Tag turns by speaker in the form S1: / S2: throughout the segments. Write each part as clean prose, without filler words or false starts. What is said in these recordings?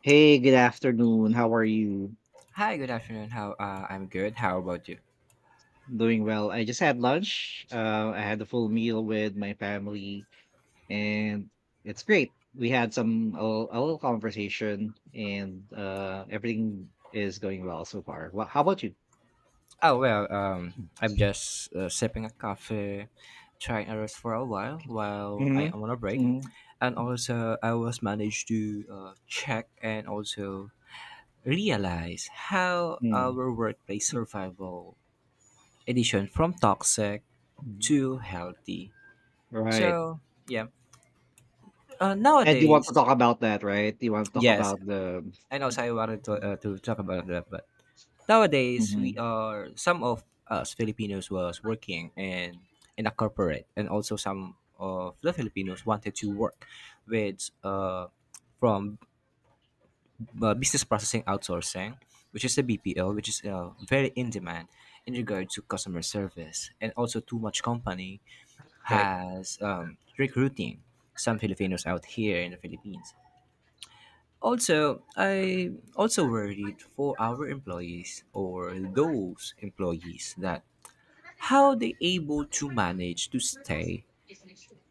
S1: Hey, good afternoon. How are you?
S2: Hi, good afternoon. How I'm good. How about you?
S1: Doing well. I just had lunch. I had a full meal with my family, and it's great. We had a little conversation, and everything is going well so far. Well, how about you?
S2: Oh well, um, I'm just sipping a coffee, trying to rest for a while I
S1: hmm
S2: am on a break,
S1: hmm
S2: and also I was managed to check and also realize how
S1: hmm
S2: our workplace survival edition from toxic to healthy.
S1: Right.
S2: So yeah,
S1: And you want to
S2: nowadays
S1: talk about that, right? You want to talk
S2: yes,
S1: about the...
S2: and also I wanted to to talk about that, but nowadays, we
S1: Mhm.
S2: are some of us Filipinos was working in a corporate, and also some of the Filipinos wanted to work with from business processing outsourcing, which is the BPO, which is very in demand in regard to customer service, and also too much company
S1: Right?
S2: has recruiting some Filipinos out here in the Philippines. Also, I also worried for our employees or those employees that how they able to manage to stay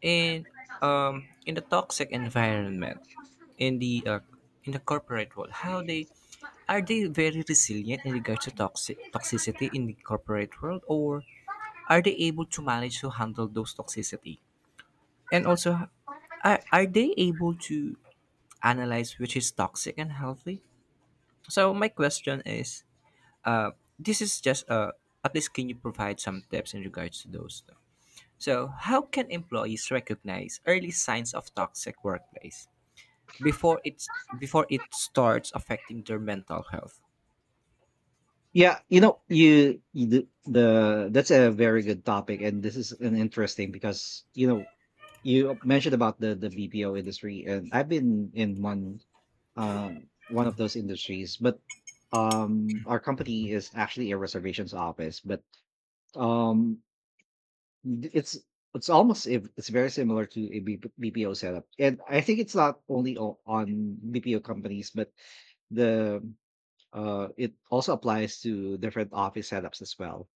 S2: in in a toxic environment in the uh, in the corporate world. How they are they very resilient in regards to toxic toxicity in the corporate world, or are they able to manage to handle those toxicity? And also, are they able to analyze which is toxic and healthy? So my question is, this is just at least can you provide some tips in regards to those though? So how can employees recognize early signs of toxic workplace before it starts affecting their mental health?
S1: Yeah, you know, you the that's a very good topic, and this is an interesting because you know you mentioned about the BPO industry, and I've been in uh, one of those industries, but our company is actually a reservations office, but um, th- it's it's almost if it's very similar to a BPO setup, and I think it's not only on BPO companies, but the it also applies to different office setups as well.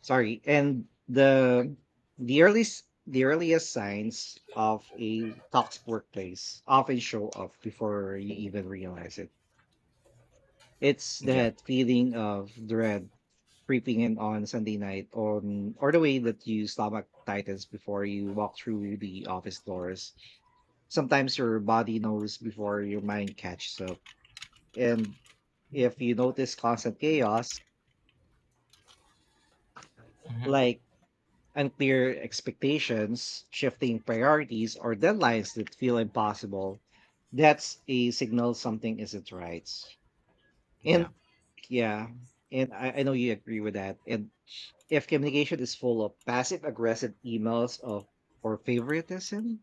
S1: Sorry, and the earliest signs of a toxic workplace often show up before you even realize it. It's
S2: Yeah.
S1: that feeling of dread creeping in on Sunday night, or the way that you stomach tightens before you walk through the office doors. Sometimes your body knows before your mind catches up, and if you notice constant chaos,
S2: Hmm.
S1: like unclear expectations, shifting priorities, or deadlines that feel impossible, that's a signal something isn't right.
S2: Yeah.
S1: And yeah, and I know you agree with that. And if communication is full of passive aggressive emails of or favoritism,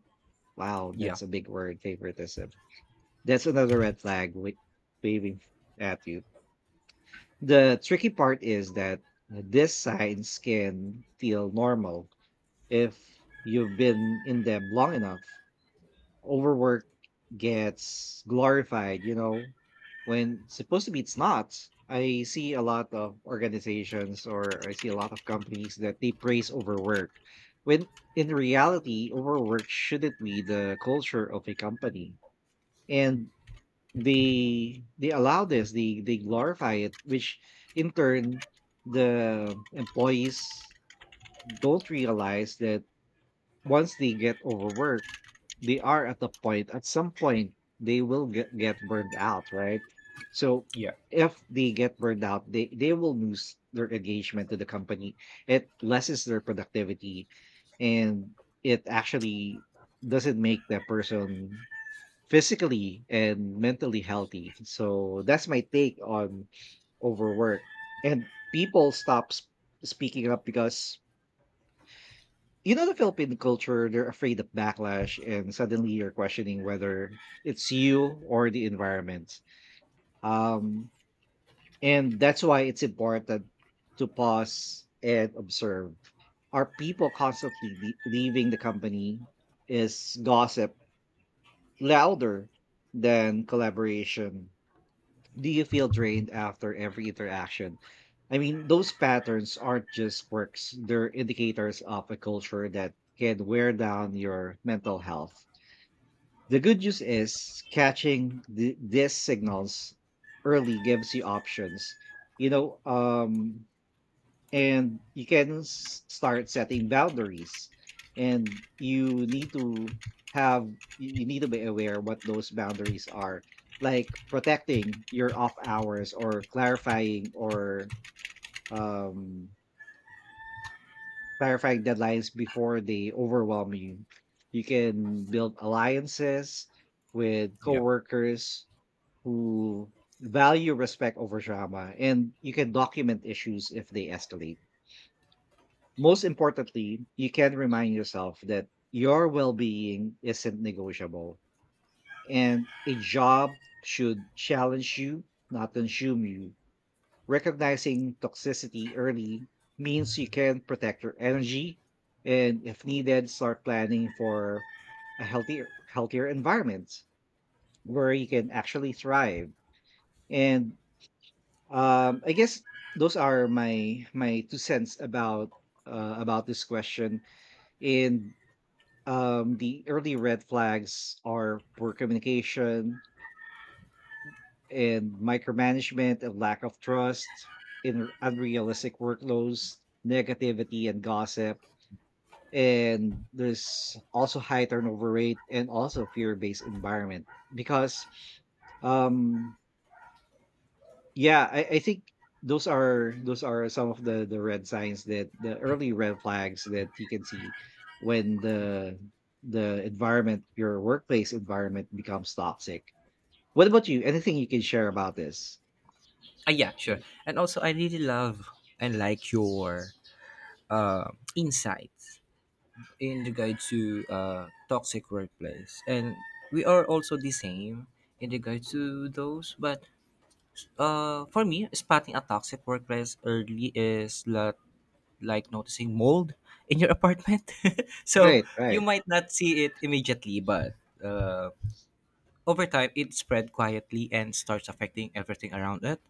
S1: wow,
S2: Yeah.
S1: that's a big word, favoritism. That's another red flag waving at you. The tricky part is that these signs can feel normal if you've been in them long enough, overwork gets glorified, you know, when supposedly it's not. I see a lot of organizations or I see a lot of companies that they praise overwork when in reality, overwork shouldn't be the culture of a company. And they allow this, they glorify it, which in turn the employees don't realize that once they get overworked, they are at the point at some point they will get burned out, right? So
S2: Yeah.
S1: if they get burned out, they will lose their engagement to the company. It lessens their productivity and it actually doesn't make that person physically and mentally healthy. So that's my take on overwork. And people stop speaking up because you know the Philippine culture, they're afraid of backlash and suddenly you're questioning whether it's you or the environment. Um, and that's why it's important to pause and observe. Are people constantly leaving the company? Is gossip louder than collaboration? Do you feel drained after every interaction? I mean, those patterns aren't just quirks, they're indicators of a culture that can wear down your mental health. The good news is catching these signals early gives you options. You know, and you can start setting boundaries. And you need to have, you need to be aware what those boundaries are, like protecting your off hours or um, clarifying deadlines before they overwhelm you. You can build alliances with
S2: Yeah.
S1: coworkers who value respect over drama, and you can document issues if they escalate. Most importantly, you can remind yourself that your well being isn't negotiable, and a job should challenge you, not consume you. Recognizing toxicity early means you can protect your energy and, if needed, start planning for a healthier environment where you can actually thrive. And I guess those are my two cents about this question. And the early red flags are poor communication and micromanagement and lack of trust, in unrealistic workloads, negativity and gossip. And there's also high turnover rate and also fear-based environment because um yeah, I think those are some of the red signs, that the early red flags that you can see when the environment, your workplace environment, becomes toxic. What about you? Anything you can share about this?
S2: Yeah, sure.
S1: Mm.
S2: And also, I really love and like your insights in regard to toxic workplace. And we are also the same in regard to those, but uh, for me, spotting a toxic workplace early is lot, like noticing mold in your apartment. So
S1: Right,
S2: you
S1: right,
S2: might not see it immediately, but uh, over time, it spread quietly and starts affecting everything around it.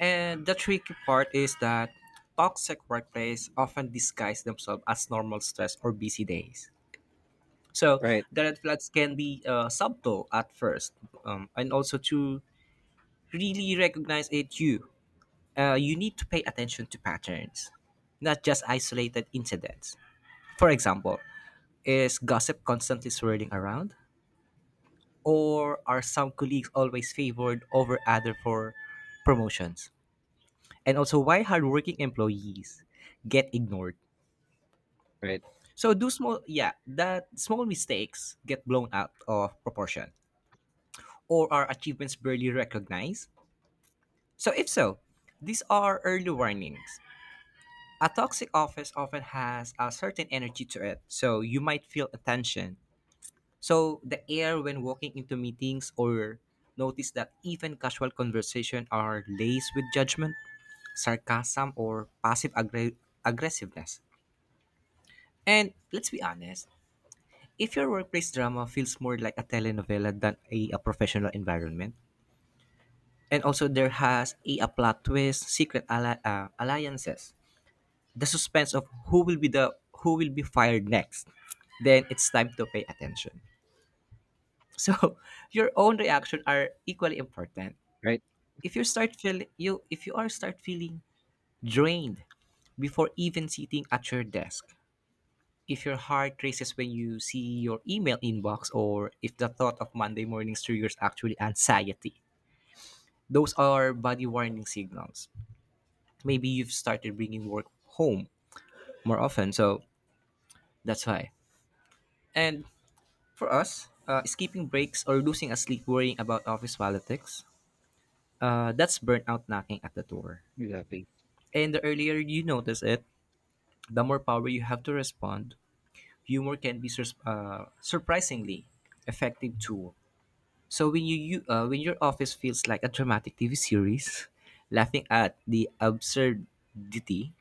S2: And the tricky part is that toxic workplace often disguise themselves as normal stress or busy days. So
S1: right,
S2: the red flags can be subtle at first, and also to really recognize it, you need to pay attention to patterns, not just isolated incidents. For example, is gossip constantly swirling around, or are some colleagues always favored over other for promotions? And also, why hardworking employees get ignored?
S1: right,
S2: So do small, yeah, that small mistakes get blown out of proportion, or are achievements barely recognized? So if so, these are early warnings. A toxic office often has a certain energy to it, so you might feel a tension. So the air when walking into meetings or notice that even casual conversation are laced with judgment, sarcasm, or aggressiveness. And let's be honest, if your workplace drama feels more like a telenovela than a professional environment, and also there has a plot twist, secret alliances, the suspense of who will be fired next, then it's time to pay attention. So your own reaction are equally important.
S1: right.
S2: If you start feel you If you are start feeling drained before even sitting at your desk, if your heart races when you see your email inbox, or if the thought of Monday mornings triggers actually anxiety, those are body warning signals. Maybe you've started bringing work home more often, so that's why. And for us, skipping breaks or losing a sleep worrying about office politics, that's burnout knocking at the door.
S1: Exactly.
S2: And the earlier you notice it, the more power you have to respond. Humor can be surprisingly effective tool. So when your office feels like a dramatic TV series, laughing at the absurdity,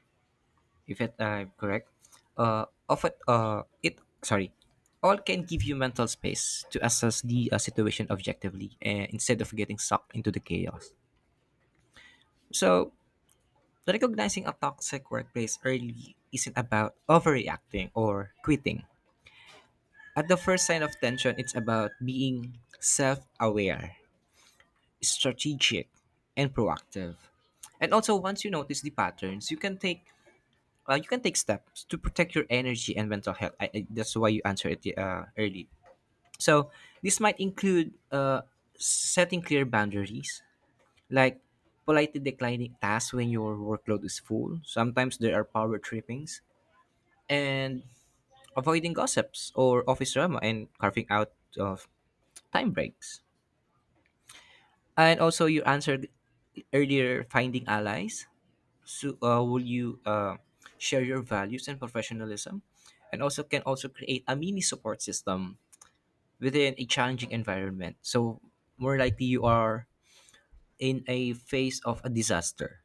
S2: if it, I'm correct, uh, often uh, it sorry, all can give you mental space to assess the situation objectively, instead of getting sucked into the chaos. So recognizing a toxic workplace early isn't about overreacting or quitting. At the first sign of tension, it's about being self-aware, strategic, and proactive. And also, once you notice the patterns, you can take steps to protect your energy and mental health. That's why you answer it early. So this might include setting clear boundaries, like politely declining tasks when your workload is full. Sometimes there are power trippings, and avoiding gossips or office drama, and carving out of time breaks. And also, you answered earlier finding allies. So, will you share your values and professionalism, and also can also create a mini support system within a challenging environment. So, more likely you are in a phase of a disaster.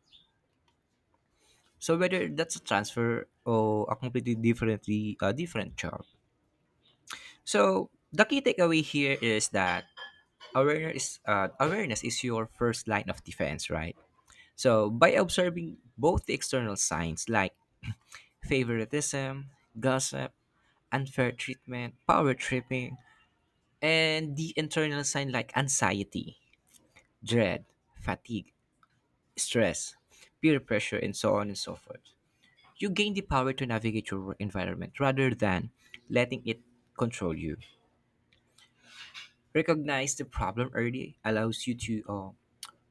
S2: So whether that's a transfer or a completely different job. So the key takeaway here is that awareness is your first line of defense, right? So by observing both the external signs like favoritism, gossip, unfair treatment, power tripping, and the internal sign like anxiety, dread, fatigue, stress, peer pressure, and so on and so forth. You gain the power to navigate your work environment rather than letting it control you. Recognize the problem early allows you to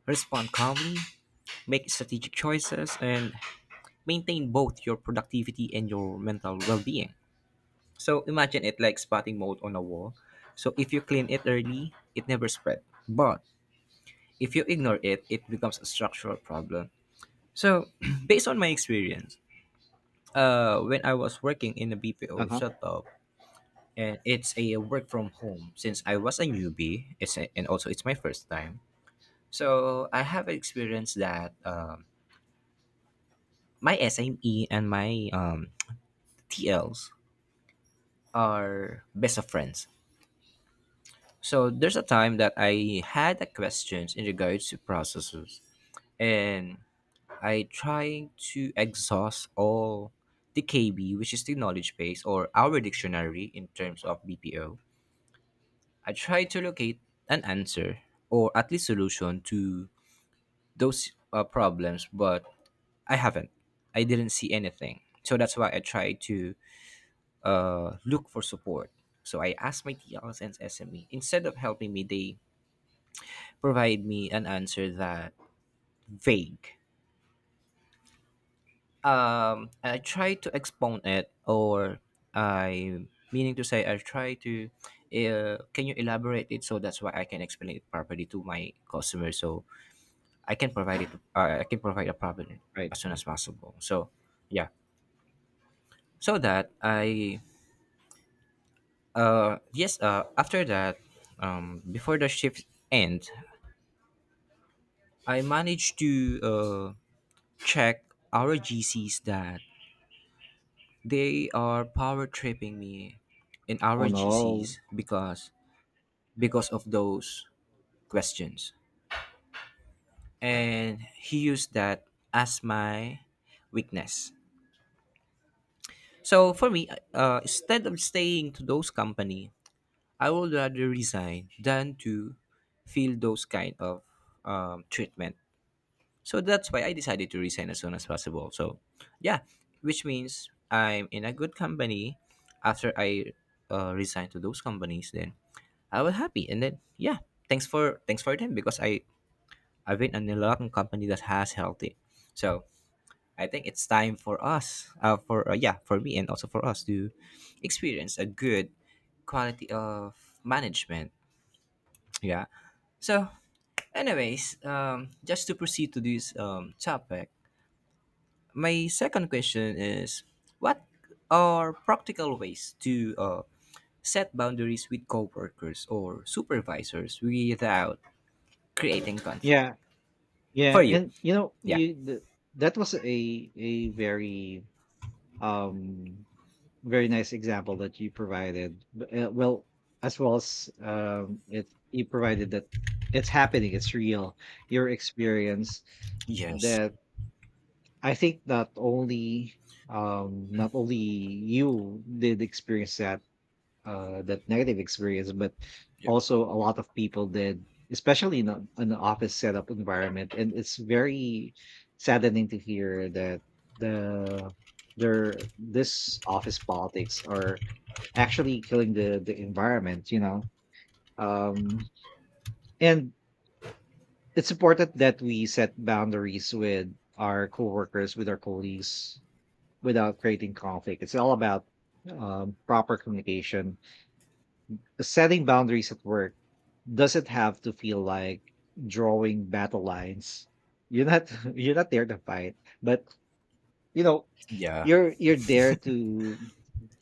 S2: respond calmly, make strategic choices, and maintain both your productivity and your mental well being. So imagine it like spotting mold on a wall. So if you clean it early, it never spread. But if you ignore it, it becomes a structural problem. So based on my experience, when I was working in a
S1: Uh
S2: BPO
S1: huh.
S2: setup, and it's a work from home since I was a newbie, and also it's my first time. So I have experienced that my SME and my TLs are best of friends. So there's a time that I had a questions in regards to processes, and I try to exhaust all the KB, which is the knowledge base or our dictionary in terms of BPO. I try to locate an answer or at least solution to those problems, but I haven't. I didn't see anything. So that's why I try to look for support. So I asked my TLS and SME. Instead of helping me, they provide me an answer that vague. I try to expound it, or I I try to. Can you elaborate it so that's why I can explain it properly to my customer, so I can provide it. I can provide a problem
S1: Right.
S2: as soon as possible. So, yeah. So that I yes After that, um, before the shift end, I managed to check our GCs that they are power tripping me in
S1: Oh
S2: our
S1: no.
S2: GCs, because of those questions. And he used that as my weakness. So for me, instead of staying to those company, I would rather resign than to feel those kind of treatment. So that's why I decided to resign as soon as possible. So yeah, which means I'm in a good company after I resign to those companies, then I was happy, and then yeah, thanks for them, because I I've been in a lot of company that has healthy, so I think it's time for us, for yeah, for me and also for us to experience a good quality of management. Yeah. So, anyways, just to proceed to this topic, my second question is what are practical ways to set boundaries with coworkers or supervisors without creating conflict
S1: Yeah, yeah,
S2: for you.
S1: and you know,
S2: Yeah.
S1: that was a um very nice example that you provided. Well as you provided that it's happening, it's real. Your experience
S2: Yes.
S1: that I think not only not only you did experience that, that negative experience, but
S2: Yeah.
S1: also a lot of people did, especially in an office setup environment. And it's very saddening to hear that the their this office politics are actually killing the environment. You know, um, and it's important that we set boundaries with our coworkers, with our colleagues, without creating conflict. It's all about proper communication. Setting boundaries at work doesn't have to feel like drawing battle lines. You're not you're not there to fight, but you know
S2: Yeah.
S1: you're there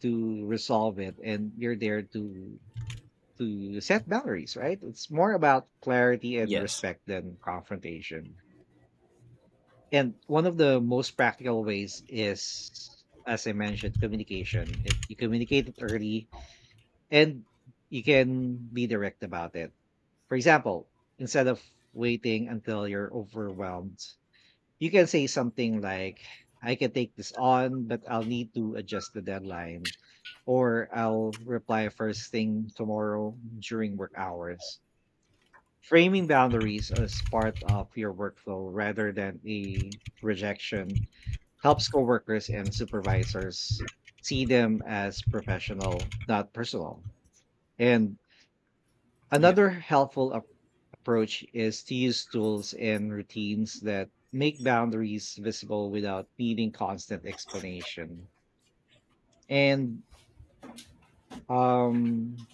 S1: to resolve it, and you're there to set boundaries, right? It's more about clarity and
S2: Yes.
S1: respect than confrontation. And one of the most practical ways is, as I mentioned, communication. You communicate it early, and you can be direct about it. For example, instead of waiting until you're overwhelmed, you can say something like, I can take this on, but I'll need to adjust the deadline, or I'll reply first thing tomorrow during work hours. Framing boundaries as part of your workflow rather than a rejection helps coworkers and supervisors see them as professional, not personal. And
S2: Yeah.
S1: another helpful approach is to use tools and routines that make boundaries visible without needing constant explanation. And um,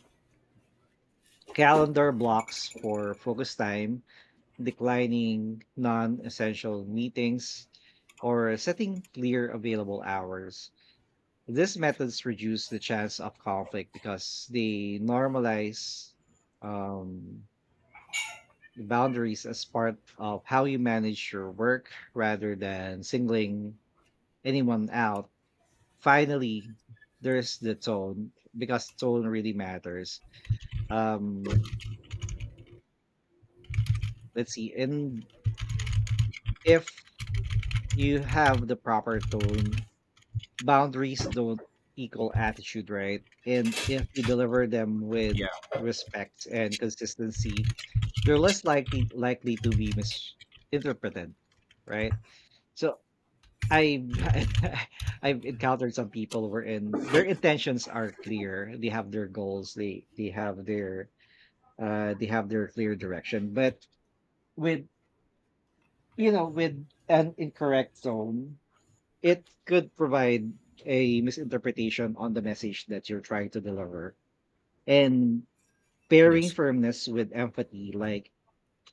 S1: calendar blocks for focus time, declining non essential meetings, or setting clear available hours. These methods reduce the chance of conflict because they normalize um, boundaries as part of how you manage your work rather than singling anyone out. Finally, there's the tone, because tone really matters. Um, let's see. And if you have the proper tone, boundaries don't equal attitude, right? And if you deliver them with
S2: Yeah.
S1: respect and consistency, they're less likely to be misinterpreted, right? So I've
S2: Yeah.
S1: I've encountered some people wherein their intentions are clear. They have their goals. They have their they have their clear direction. But with you know with an incorrect tone, it could provide a misinterpretation on the message that you're trying to deliver. And pairing
S2: Yes.
S1: firmness with empathy, like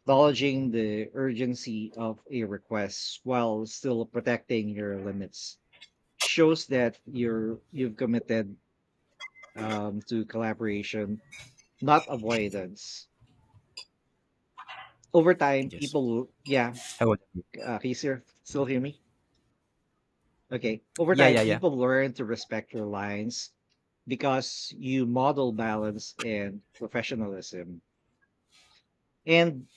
S1: acknowledging the urgency of a request while still protecting your limits, shows that you've committed to collaboration, not avoidance. Over time
S2: Yes.
S1: people yeah,
S2: How about you?
S1: can you still hear me okay? Over
S2: Yeah,
S1: time
S2: yeah, yeah.
S1: people learn to respect your lines because you model balance and professionalism. And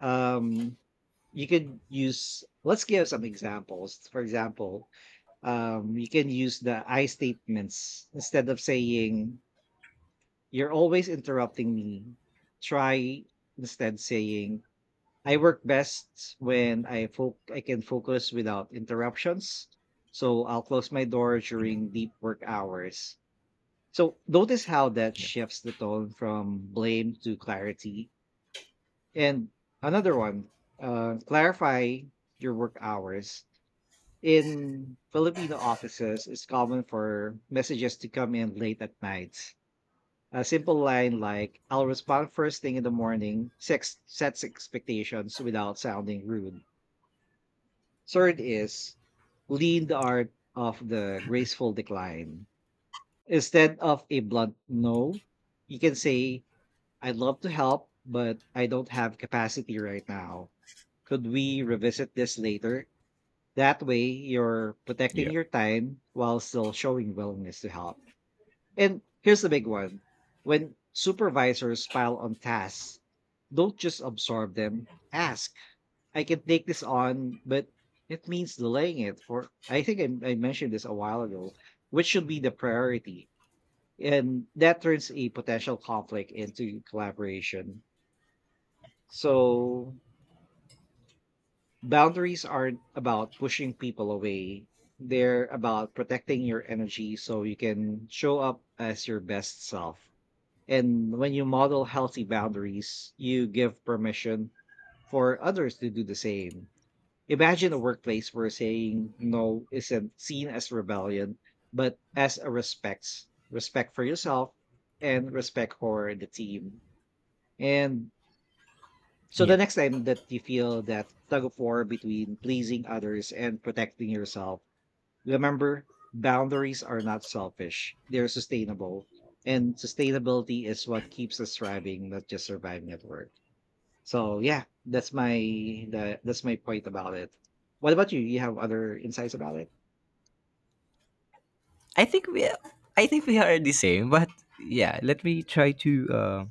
S1: um you could use, let's give some examples. For example, you can use the I statements. Instead of saying, You're always interrupting me, try instead saying, I work best when I I can focus without interruptions. So I'll close my door
S2: Yeah.
S1: during deep work hours. So notice how that
S2: Yeah.
S1: shifts the tone from blame to clarity. And another one, clarify your work hours. In Filipino offices, it's common for messages to come in late at night. A simple line like, I'll respond first thing in the morning, sex sets expectations without sounding rude. Third is, lean the art of the graceful decline. Instead of a blunt no, you can say, I'd love to help, but I don't have capacity right now. Could we revisit this later? That way, you're protecting
S2: Yeah.
S1: your time while still showing willingness to help. And here's the big one. When supervisors pile on tasks, don't just absorb them. Ask, I can take this on, but it means delaying it for, I think I mentioned this a while ago, which should be the priority. And that turns a potential conflict into collaboration. So boundaries aren't about pushing people away. They're about protecting your energy so you can show up as your best self. And when you model healthy boundaries, you give permission for others to do the same. Imagine a workplace where saying no isn't seen as rebellion, but as a respect, respect for yourself and respect for the team. And so the
S2: Yeah.
S1: next time that you feel that tug of war between pleasing others and protecting yourself, remember, boundaries are not selfish, they're sustainable. And sustainability is what keeps us thriving, not just surviving at work. So yeah, that's that's my point about it. What about you? You have other insights about it?
S2: I think we I think we are the same, but yeah, let me try to uh,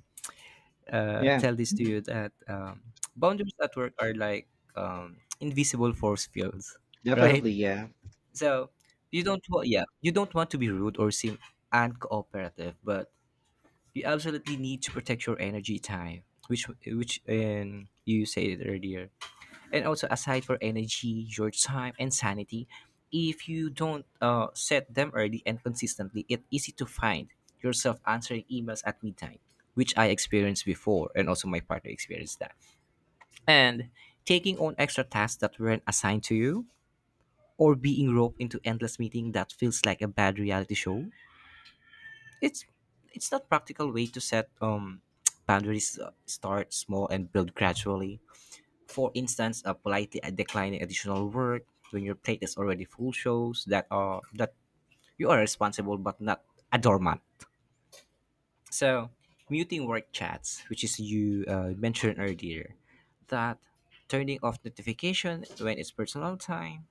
S2: uh,
S1: Yeah.
S2: tell this to
S1: Mhm.
S2: you that boundaries at work are like invisible force fields, right?
S1: Definitely. Yeah,
S2: So you don't want, yeah, you don't want to be rude or seem uncooperative, but you absolutely need to protect your energy time, which you said it earlier, and also aside for energy your time and sanity. If you don't set them early and consistently, it's easy to find yourself answering emails at midnight, which I experienced before and also my partner experienced that, and taking on extra tasks that weren't assigned to you, or being roped into endless meeting that feels like a bad reality show. it's it's that practical way to set boundaries. Uh, start small and build gradually. For instance, politely declining additional work when your plate is already full shows that are that you are responsible but not a doormat. So muting work chats, which is you mentioned earlier, that turning off notification when it's personal time,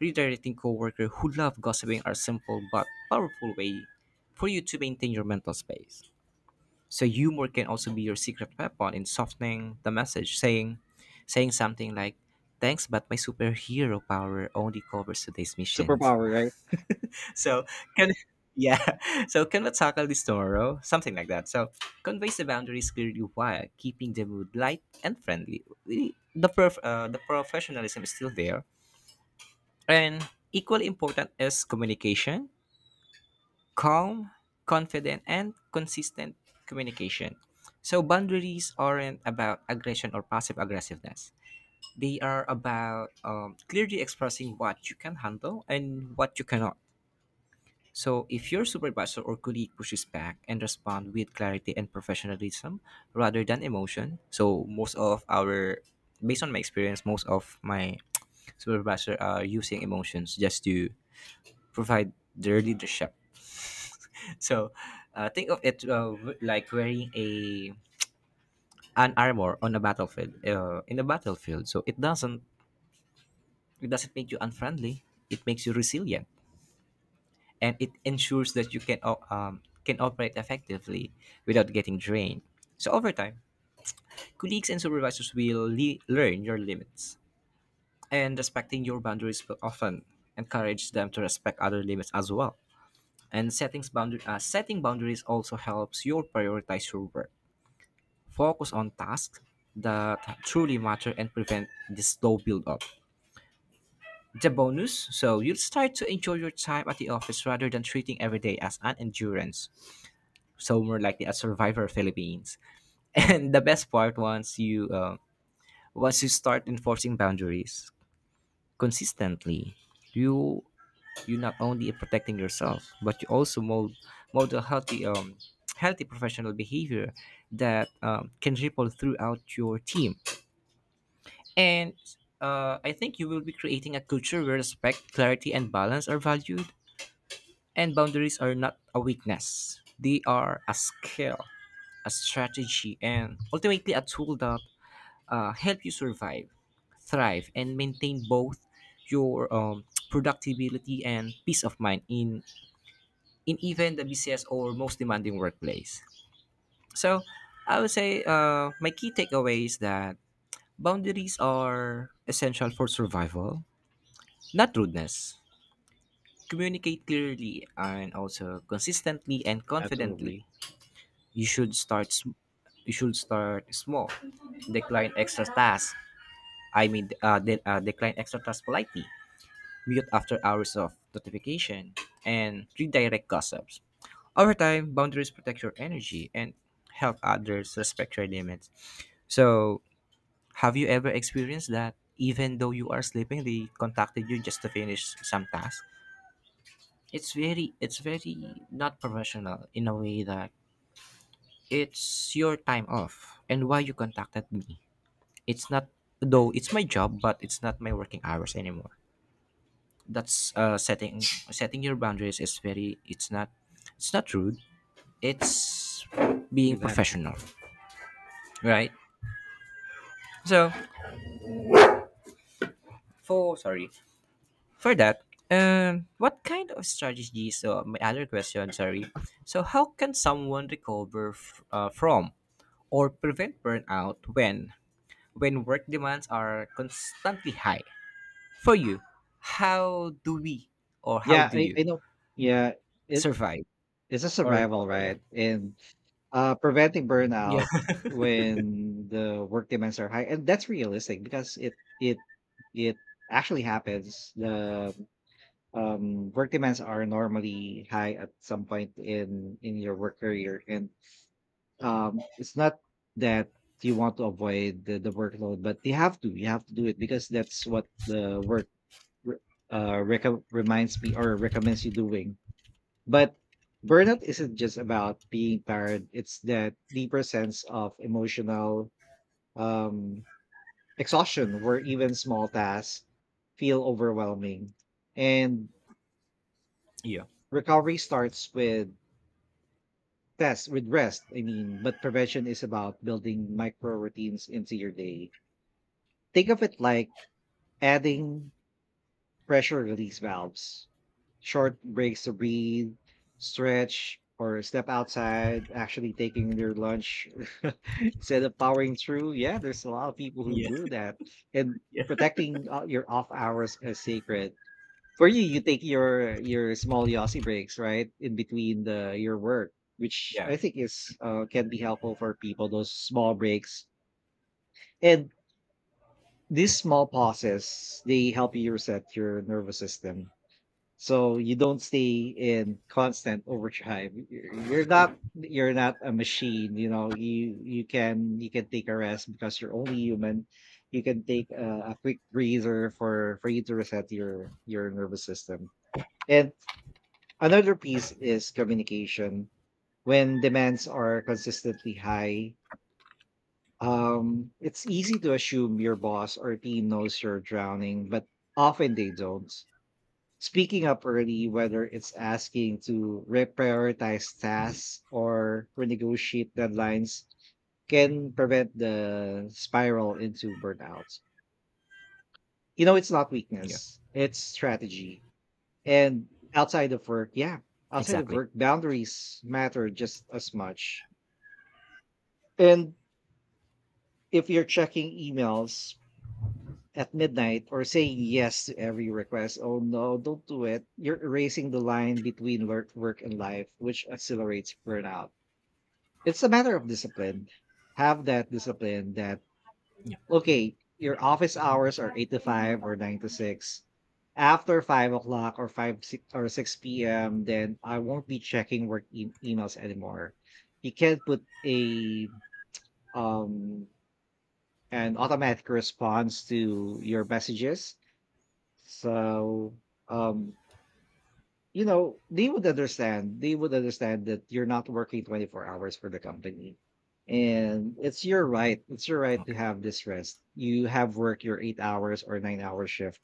S2: redirecting coworker who love gossiping are simple but powerful way for you to maintain your mental space. So humor can also be your secret weapon in softening the message, saying something like, thanks, but my superhero power only covers today's missions.
S1: superpower, right?
S2: So can yeah. So can we tackle this tomorrow? Something like that. So conveys the boundaries clearly while keeping the mood light and friendly. The professionalism is still there. And equally important is communication calm, confident, and consistent communication. So boundaries aren't about aggression or passive aggressiveness. They are about clearly expressing what you can handle and what you cannot. So if your supervisor or colleague pushes back and respond with clarity and professionalism rather than emotion, so most of our based on my experience, most of my supervisor are using emotions just to provide their leadership. So, think of it like wearing a an armor on a battlefield. In a battlefield, so it doesn't make you unfriendly. It makes you resilient, and it ensures that you can can operate effectively without getting drained. So over time, colleagues and supervisors will learn your limits, and respecting your boundaries will often encourage them to respect other limits as well. And setting boundaries also helps you prioritize your work. Focus on tasks that truly matter and prevent the slow build up. The bonus, so you'll start to enjoy your time at the office rather than treating every day as an endurance. So more likely a survivor Philippines.
S1: Yeah,
S2: And the best part, once you start enforcing boundaries consistently, you you not only protecting yourself but you also mold a healthy healthy professional behavior that can ripple throughout your team. And I think you will be creating a culture where respect, clarity, and balance are valued, and boundaries are not a weakness. They are a skill, a strategy, and ultimately a tool that help you survive, thrive, and maintain both your productivity and peace of mind in even the busiest or most demanding workplace. So, I would say my key takeaway is that boundaries are essential for survival. Not rudeness. Communicate clearly and also consistently and confidently.
S1: absolutely,
S2: You should start. sm- You should start small. Decline extra tasks. Decline extra tasks politely. Mute after hours of notification and redirect gossips. Over time, boundaries protect your energy and help others respect your limits. So, have you ever experienced that even though you are sleeping, they contacted you just to finish some task? It's very not professional in a way that it's your time off and why you contacted me. It's not, though it's my job but it's not my working hours anymore. That's setting your boundaries is very, it's not, it's not rude, it's being
S1: exactly.
S2: professional, right? so for sorry for that what kind of strategies, so my other question, sorry, so how can someone recover from or prevent burnout when work demands are constantly high? For you, how do we or how
S1: Yeah,
S2: do
S1: I,
S2: you
S1: I know. Yeah, it,
S2: survive
S1: it's a
S2: or
S1: survival,
S2: recover? Yeah.
S1: right? And preventing
S2: Yeah.
S1: burnout when the work demands are high, and that's realistic because it actually happens. The work demands are normally high at some point in your work career, and it's not that you want to avoid the workload, but you have to do it because that's what the work re- uh, rec- reminds me or recommends you doing, but burnout isn't just about being tired. It's that deeper sense of emotional um, exhaustion where even small tasks feel overwhelming. And
S2: Yeah.
S1: recovery starts with rest, I mean, but prevention is about building micro routines into your day. Think of it like adding pressure release valves, short breaks to breathe, stretch, or step outside, actually taking their lunch instead of powering through. Yeah, there's a lot of people who
S2: Yeah.
S1: do that. And
S2: Yeah.
S1: protecting your off hours as sacred. For you, you take your small Yossi breaks, right? In between the your work, which
S2: Yeah.
S1: I think is can be helpful for people, those small breaks. And these small pauses, they help you reset your nervous system so you don't stay in constant overdrive. You're not a machine, you know. You can take a rest because you're only human. You can take a quick breather for you to reset your nervous system. And another piece is communication. When demands are consistently high, it's easy to assume your boss or team knows you're drowning, but often they don't. Speaking up early, whether it's asking to reprioritize tasks or renegotiate deadlines, can prevent the spiral into burnout. You know, it's not
S2: Yeah.
S1: weakness, it's strategy. And outside of work, yeah, outside of
S2: Exactly.
S1: work, boundaries matter just as much. And if you're checking emails at midnight or saying yes to every request? Oh no, don't do it. You're erasing the line between work and life, which accelerates burnout. It's a matter of discipline. Have that discipline that, okay, your office hours are 8 to 5 or 9 to 6. After 5 o'clock or five six, or 6 p.m., then I won't be checking work emails anymore. You can't put a um an automatic response to your messages. So, um, you know, they would understand. They would understand that you're not working 24 hours for the company. And it's your right. It's your right to
S2: Okay.
S1: have this rest. You have work your 8 hours or 9 hour shift.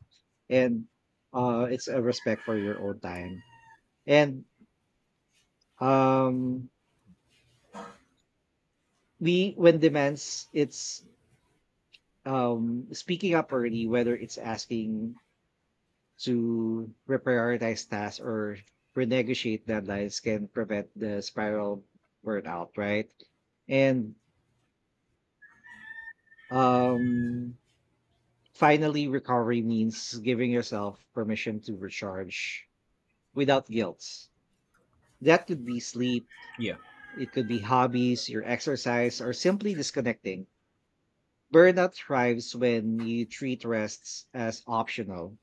S1: And it's a respect for your own time. And um we when demands it's speaking up early, whether it's asking to reprioritize tasks or renegotiate deadlines can prevent the spiral burnout, right? And um, finally, recovery means giving yourself permission to recharge without guilt. That could be sleep,
S2: Yeah.
S1: it could be hobbies, your exercise, or simply disconnecting. Burnout thrives when you treat rests as optional,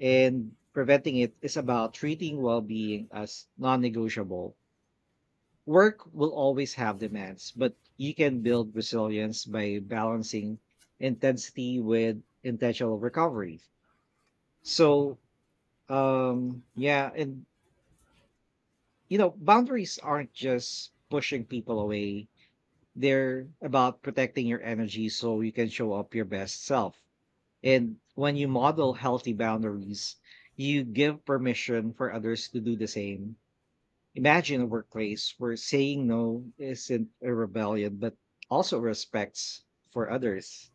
S1: and preventing it is about treating well being as non negotiable. Work will always have demands, but you can build resilience by balancing intensity with intentional recovery. So, yeah, and you know, boundaries aren't just pushing people away, they're about protecting your energy so you can show up your best self. And when you model healthy boundaries, you give permission for others to do the same. Imagine a workplace where saying no isn't a rebellion, but also respects for others.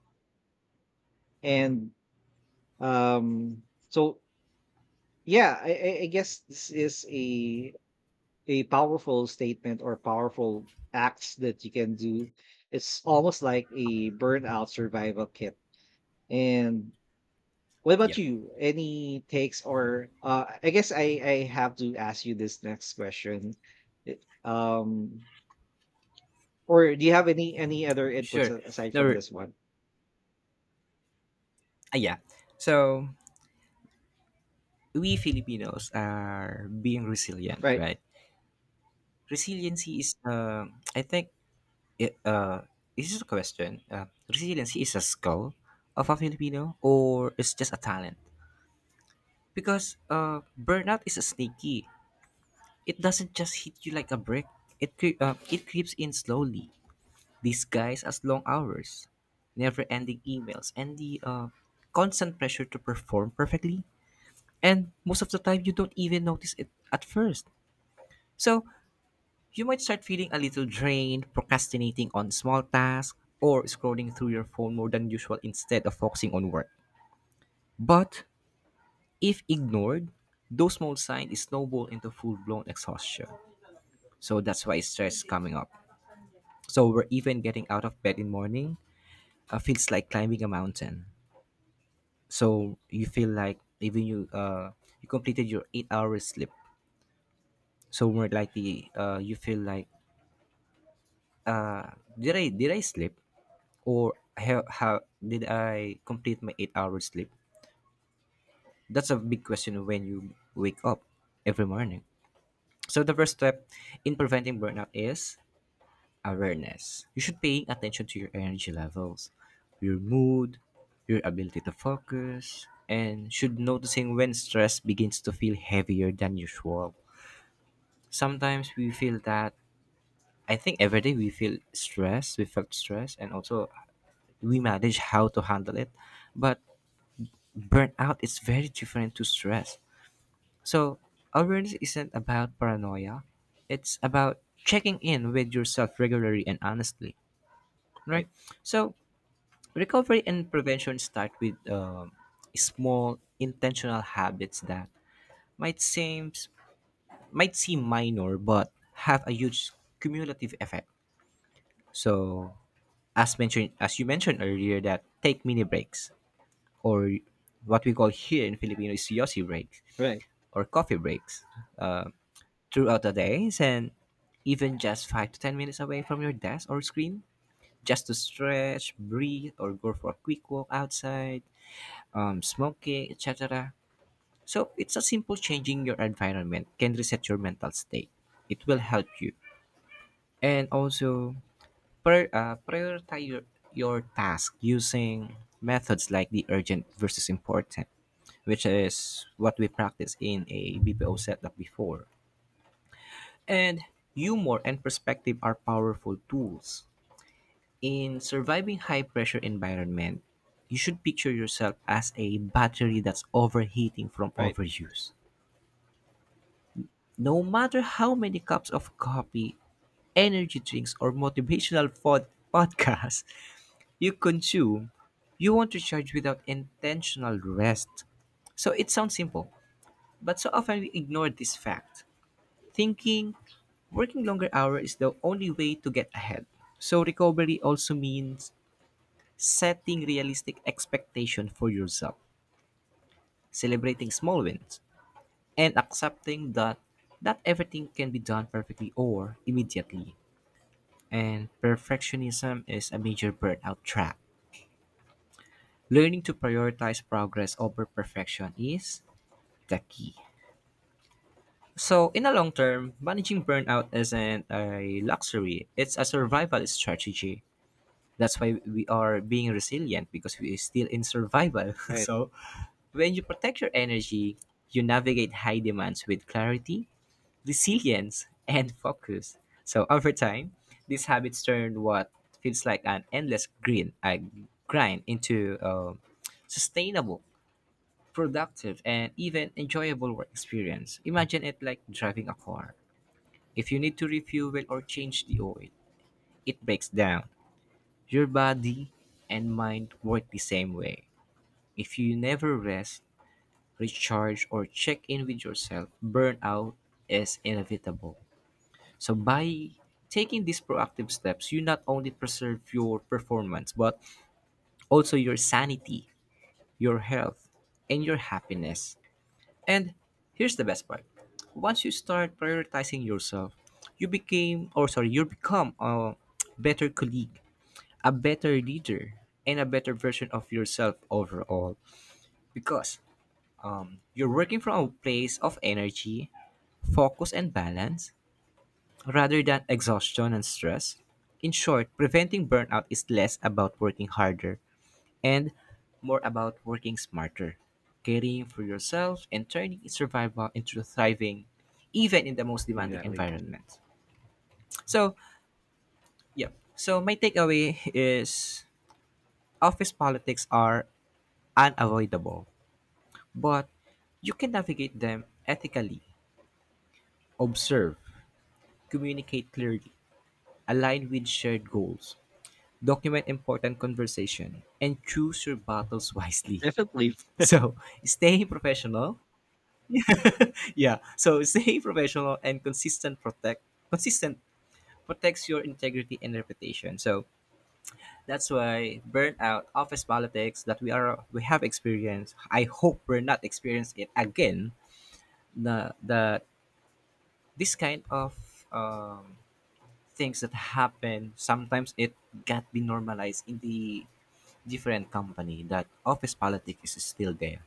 S1: And um, so, yeah, I guess this is a powerful statement or powerful acts that you can do. It's almost like a burnout survival kit. And what about
S2: Yeah.
S1: you? Any takes or I guess I have to ask you this next question. It- Um, Or do you have any other inputs
S2: Sure.
S1: a aside
S2: No,
S1: from this one?
S2: yeah. So we Filipinos are being resilient,
S1: Right,
S2: right? Resiliency is, I think, it, is this a question? Resiliency is a skill of a Filipino or it's just a talent? Because burnout is a sneaky. It doesn't just hit you like a brick. It creeps in slowly, disguised as long hours, never-ending emails, and the constant pressure to perform perfectly. And most of the time, you don't even notice it at first. So you might start feeling a little drained, procrastinating on small tasks, or scrolling through your phone more than usual instead of focusing on work. But if ignored, those small signs snowball into full blown exhaustion. So that's why stress coming up. So we're even getting out of bed in morning feels like climbing a mountain. So you feel like even you completed your 8 hours sleep. So more likely you feel like uh, did I sleep? Or have, how did I complete my 8 hours sleep? That's a big question when you wake up every morning. So the first step in preventing burnout is awareness. You should pay attention to your energy levels, your mood, your ability to focus, and should noticing when stress begins to feel heavier than usual. Sometimes we feel that I think every day we feel stress, we felt stress, and also we manage how to handle it. But burnout is very different to stress. So, awareness isn't about paranoia, it's about checking in with yourself regularly and honestly, right?
S1: right,
S2: So, recovery and prevention start with small intentional habits that might seem might seem minor but have a huge cumulative effect. So, as you mentioned earlier that take mini breaks or what we call here in Filipino is yosi breaks
S1: right,
S2: or coffee breaks throughout the days and even just 5 to 10 minutes away from your desk or screen just to stretch, breathe, or go for a quick walk outside, smoking, etc. So it's a simple, changing your environment can reset your mental state. It will help you. And also prioritize your task using methods like the urgent versus important, which is what we practiced in a BPO setup before. And humor and perspective are powerful tools. In surviving high pressure environment, you should picture yourself as a battery that's overheating from
S1: right,
S2: overuse. No matter how many cups of coffee, energy drinks, or podcasts you consume, you want to charge without intentional rest. So it sounds simple, but so often we ignore this fact, thinking working longer hours is the only way to get ahead. So recovery also means setting realistic expectation for yourself, celebrating small wins, and accepting that not everything can be done perfectly or immediately. And perfectionism is a major burnout trap. Learning to prioritize progress over perfection is the key. So, in the long term, managing burnout isn't a luxury, it's a survival strategy. That's why we are being resilient because we are still in survival.
S1: right.
S2: So when you protect your energy you navigate high demands with clarity, resilience and focus. So over time these habits turn what feels like an endless grind, grind into a sustainable, productive and even enjoyable work experience. Imagine it like driving a car. If you need to refuel or change the oil, it breaks down. Your body and mind work the same way. If you never rest, recharge, or check in with yourself, burnout is inevitable. So, by taking these proactive steps, you not only preserve your performance, but also your sanity, your health, and your happiness. And here's the best part, once you start prioritizing yourself, you became, or sorry, you become a better colleague, a better leader and a better version of yourself overall because you're working from a place of energy, focus, and balance rather than exhaustion and stress. In short, preventing burnout is less about working harder and more about working smarter, caring for yourself, and turning survival into thriving, even in the most demanding
S1: Exactly.
S2: environment. So, yeah. So, my takeaway is office politics are unavoidable. But you can navigate them ethically, observe, communicate clearly, align with shared goals, document important conversation, and choose your battles wisely.
S1: Definitely.
S2: So stay professional. Yeah. So stay professional and consistent protects your integrity and reputation. So that's why burnout, office politics that we have experienced. I hope we're not experiencing it again. The this kind of um, things that happen sometimes, it got be normalized in the different company that office politics is still there,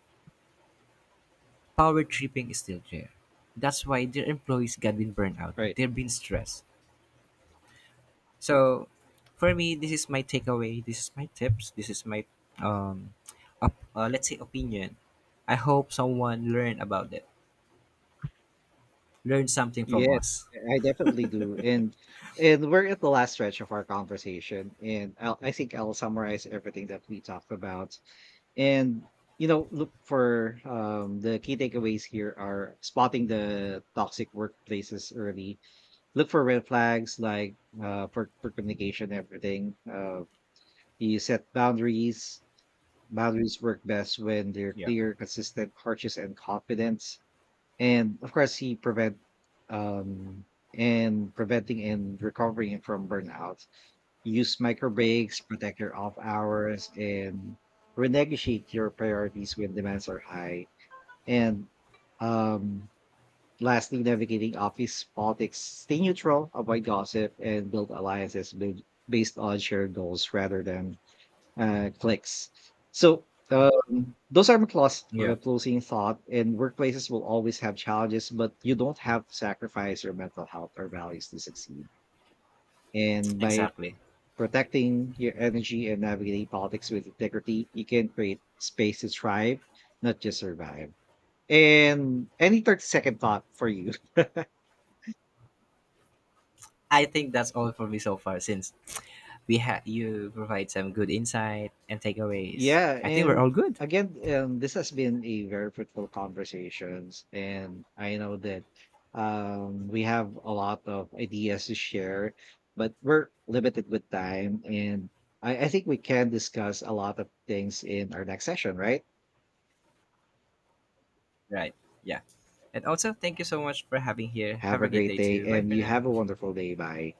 S2: power tripping is still there, that's why their employees got been burned out,
S1: Right.
S2: they've been stressed. So for me this is my takeaway, this is my tips, this is my um let's say opinion. I hope someone learn about it, learn something from
S1: Yes,
S2: us.
S1: I definitely do. And we're at the last stretch of our conversation, and I think I'll summarize everything that we talked about. And you know, look for the key takeaways here are spotting the toxic workplaces early. Look for red flags like for communication, everything. You set boundaries. Boundaries work best when they're
S2: Yeah.
S1: clear, consistent, cautious, and confident. And of course, he prevent um and preventing and recovering from burnout. Use micro breaks, protect your off hours, and renegotiate your priorities when demands are high. And um lastly, navigating office politics, stay neutral, avoid gossip, and build alliances based on shared goals rather than clicks. So those are my
S2: Yeah,
S1: closing thought. And workplaces will always have challenges, but you don't have to sacrifice your mental health or values to succeed. And by
S2: exactly.
S1: protecting your energy and navigating politics with integrity, you can create space to thrive, not just survive. And any 30-second thought for you?
S2: I think that's all for me so far since we had you provide some good insight and takeaways.
S1: Yeah,
S2: I think we're
S1: and
S2: all good,
S1: again, this has been a very fruitful conversations, and I know that we have a lot of ideas to share, but we're limited with time, and I think we can discuss a lot of things in our next session. Right?
S2: right? Yeah. And also, thank you so much for having here.
S1: Have
S2: Have
S1: a
S2: a great
S1: great
S2: day
S1: day,
S2: too. Bye
S1: and
S2: for
S1: you
S2: now.
S1: have a wonderful day. Bye.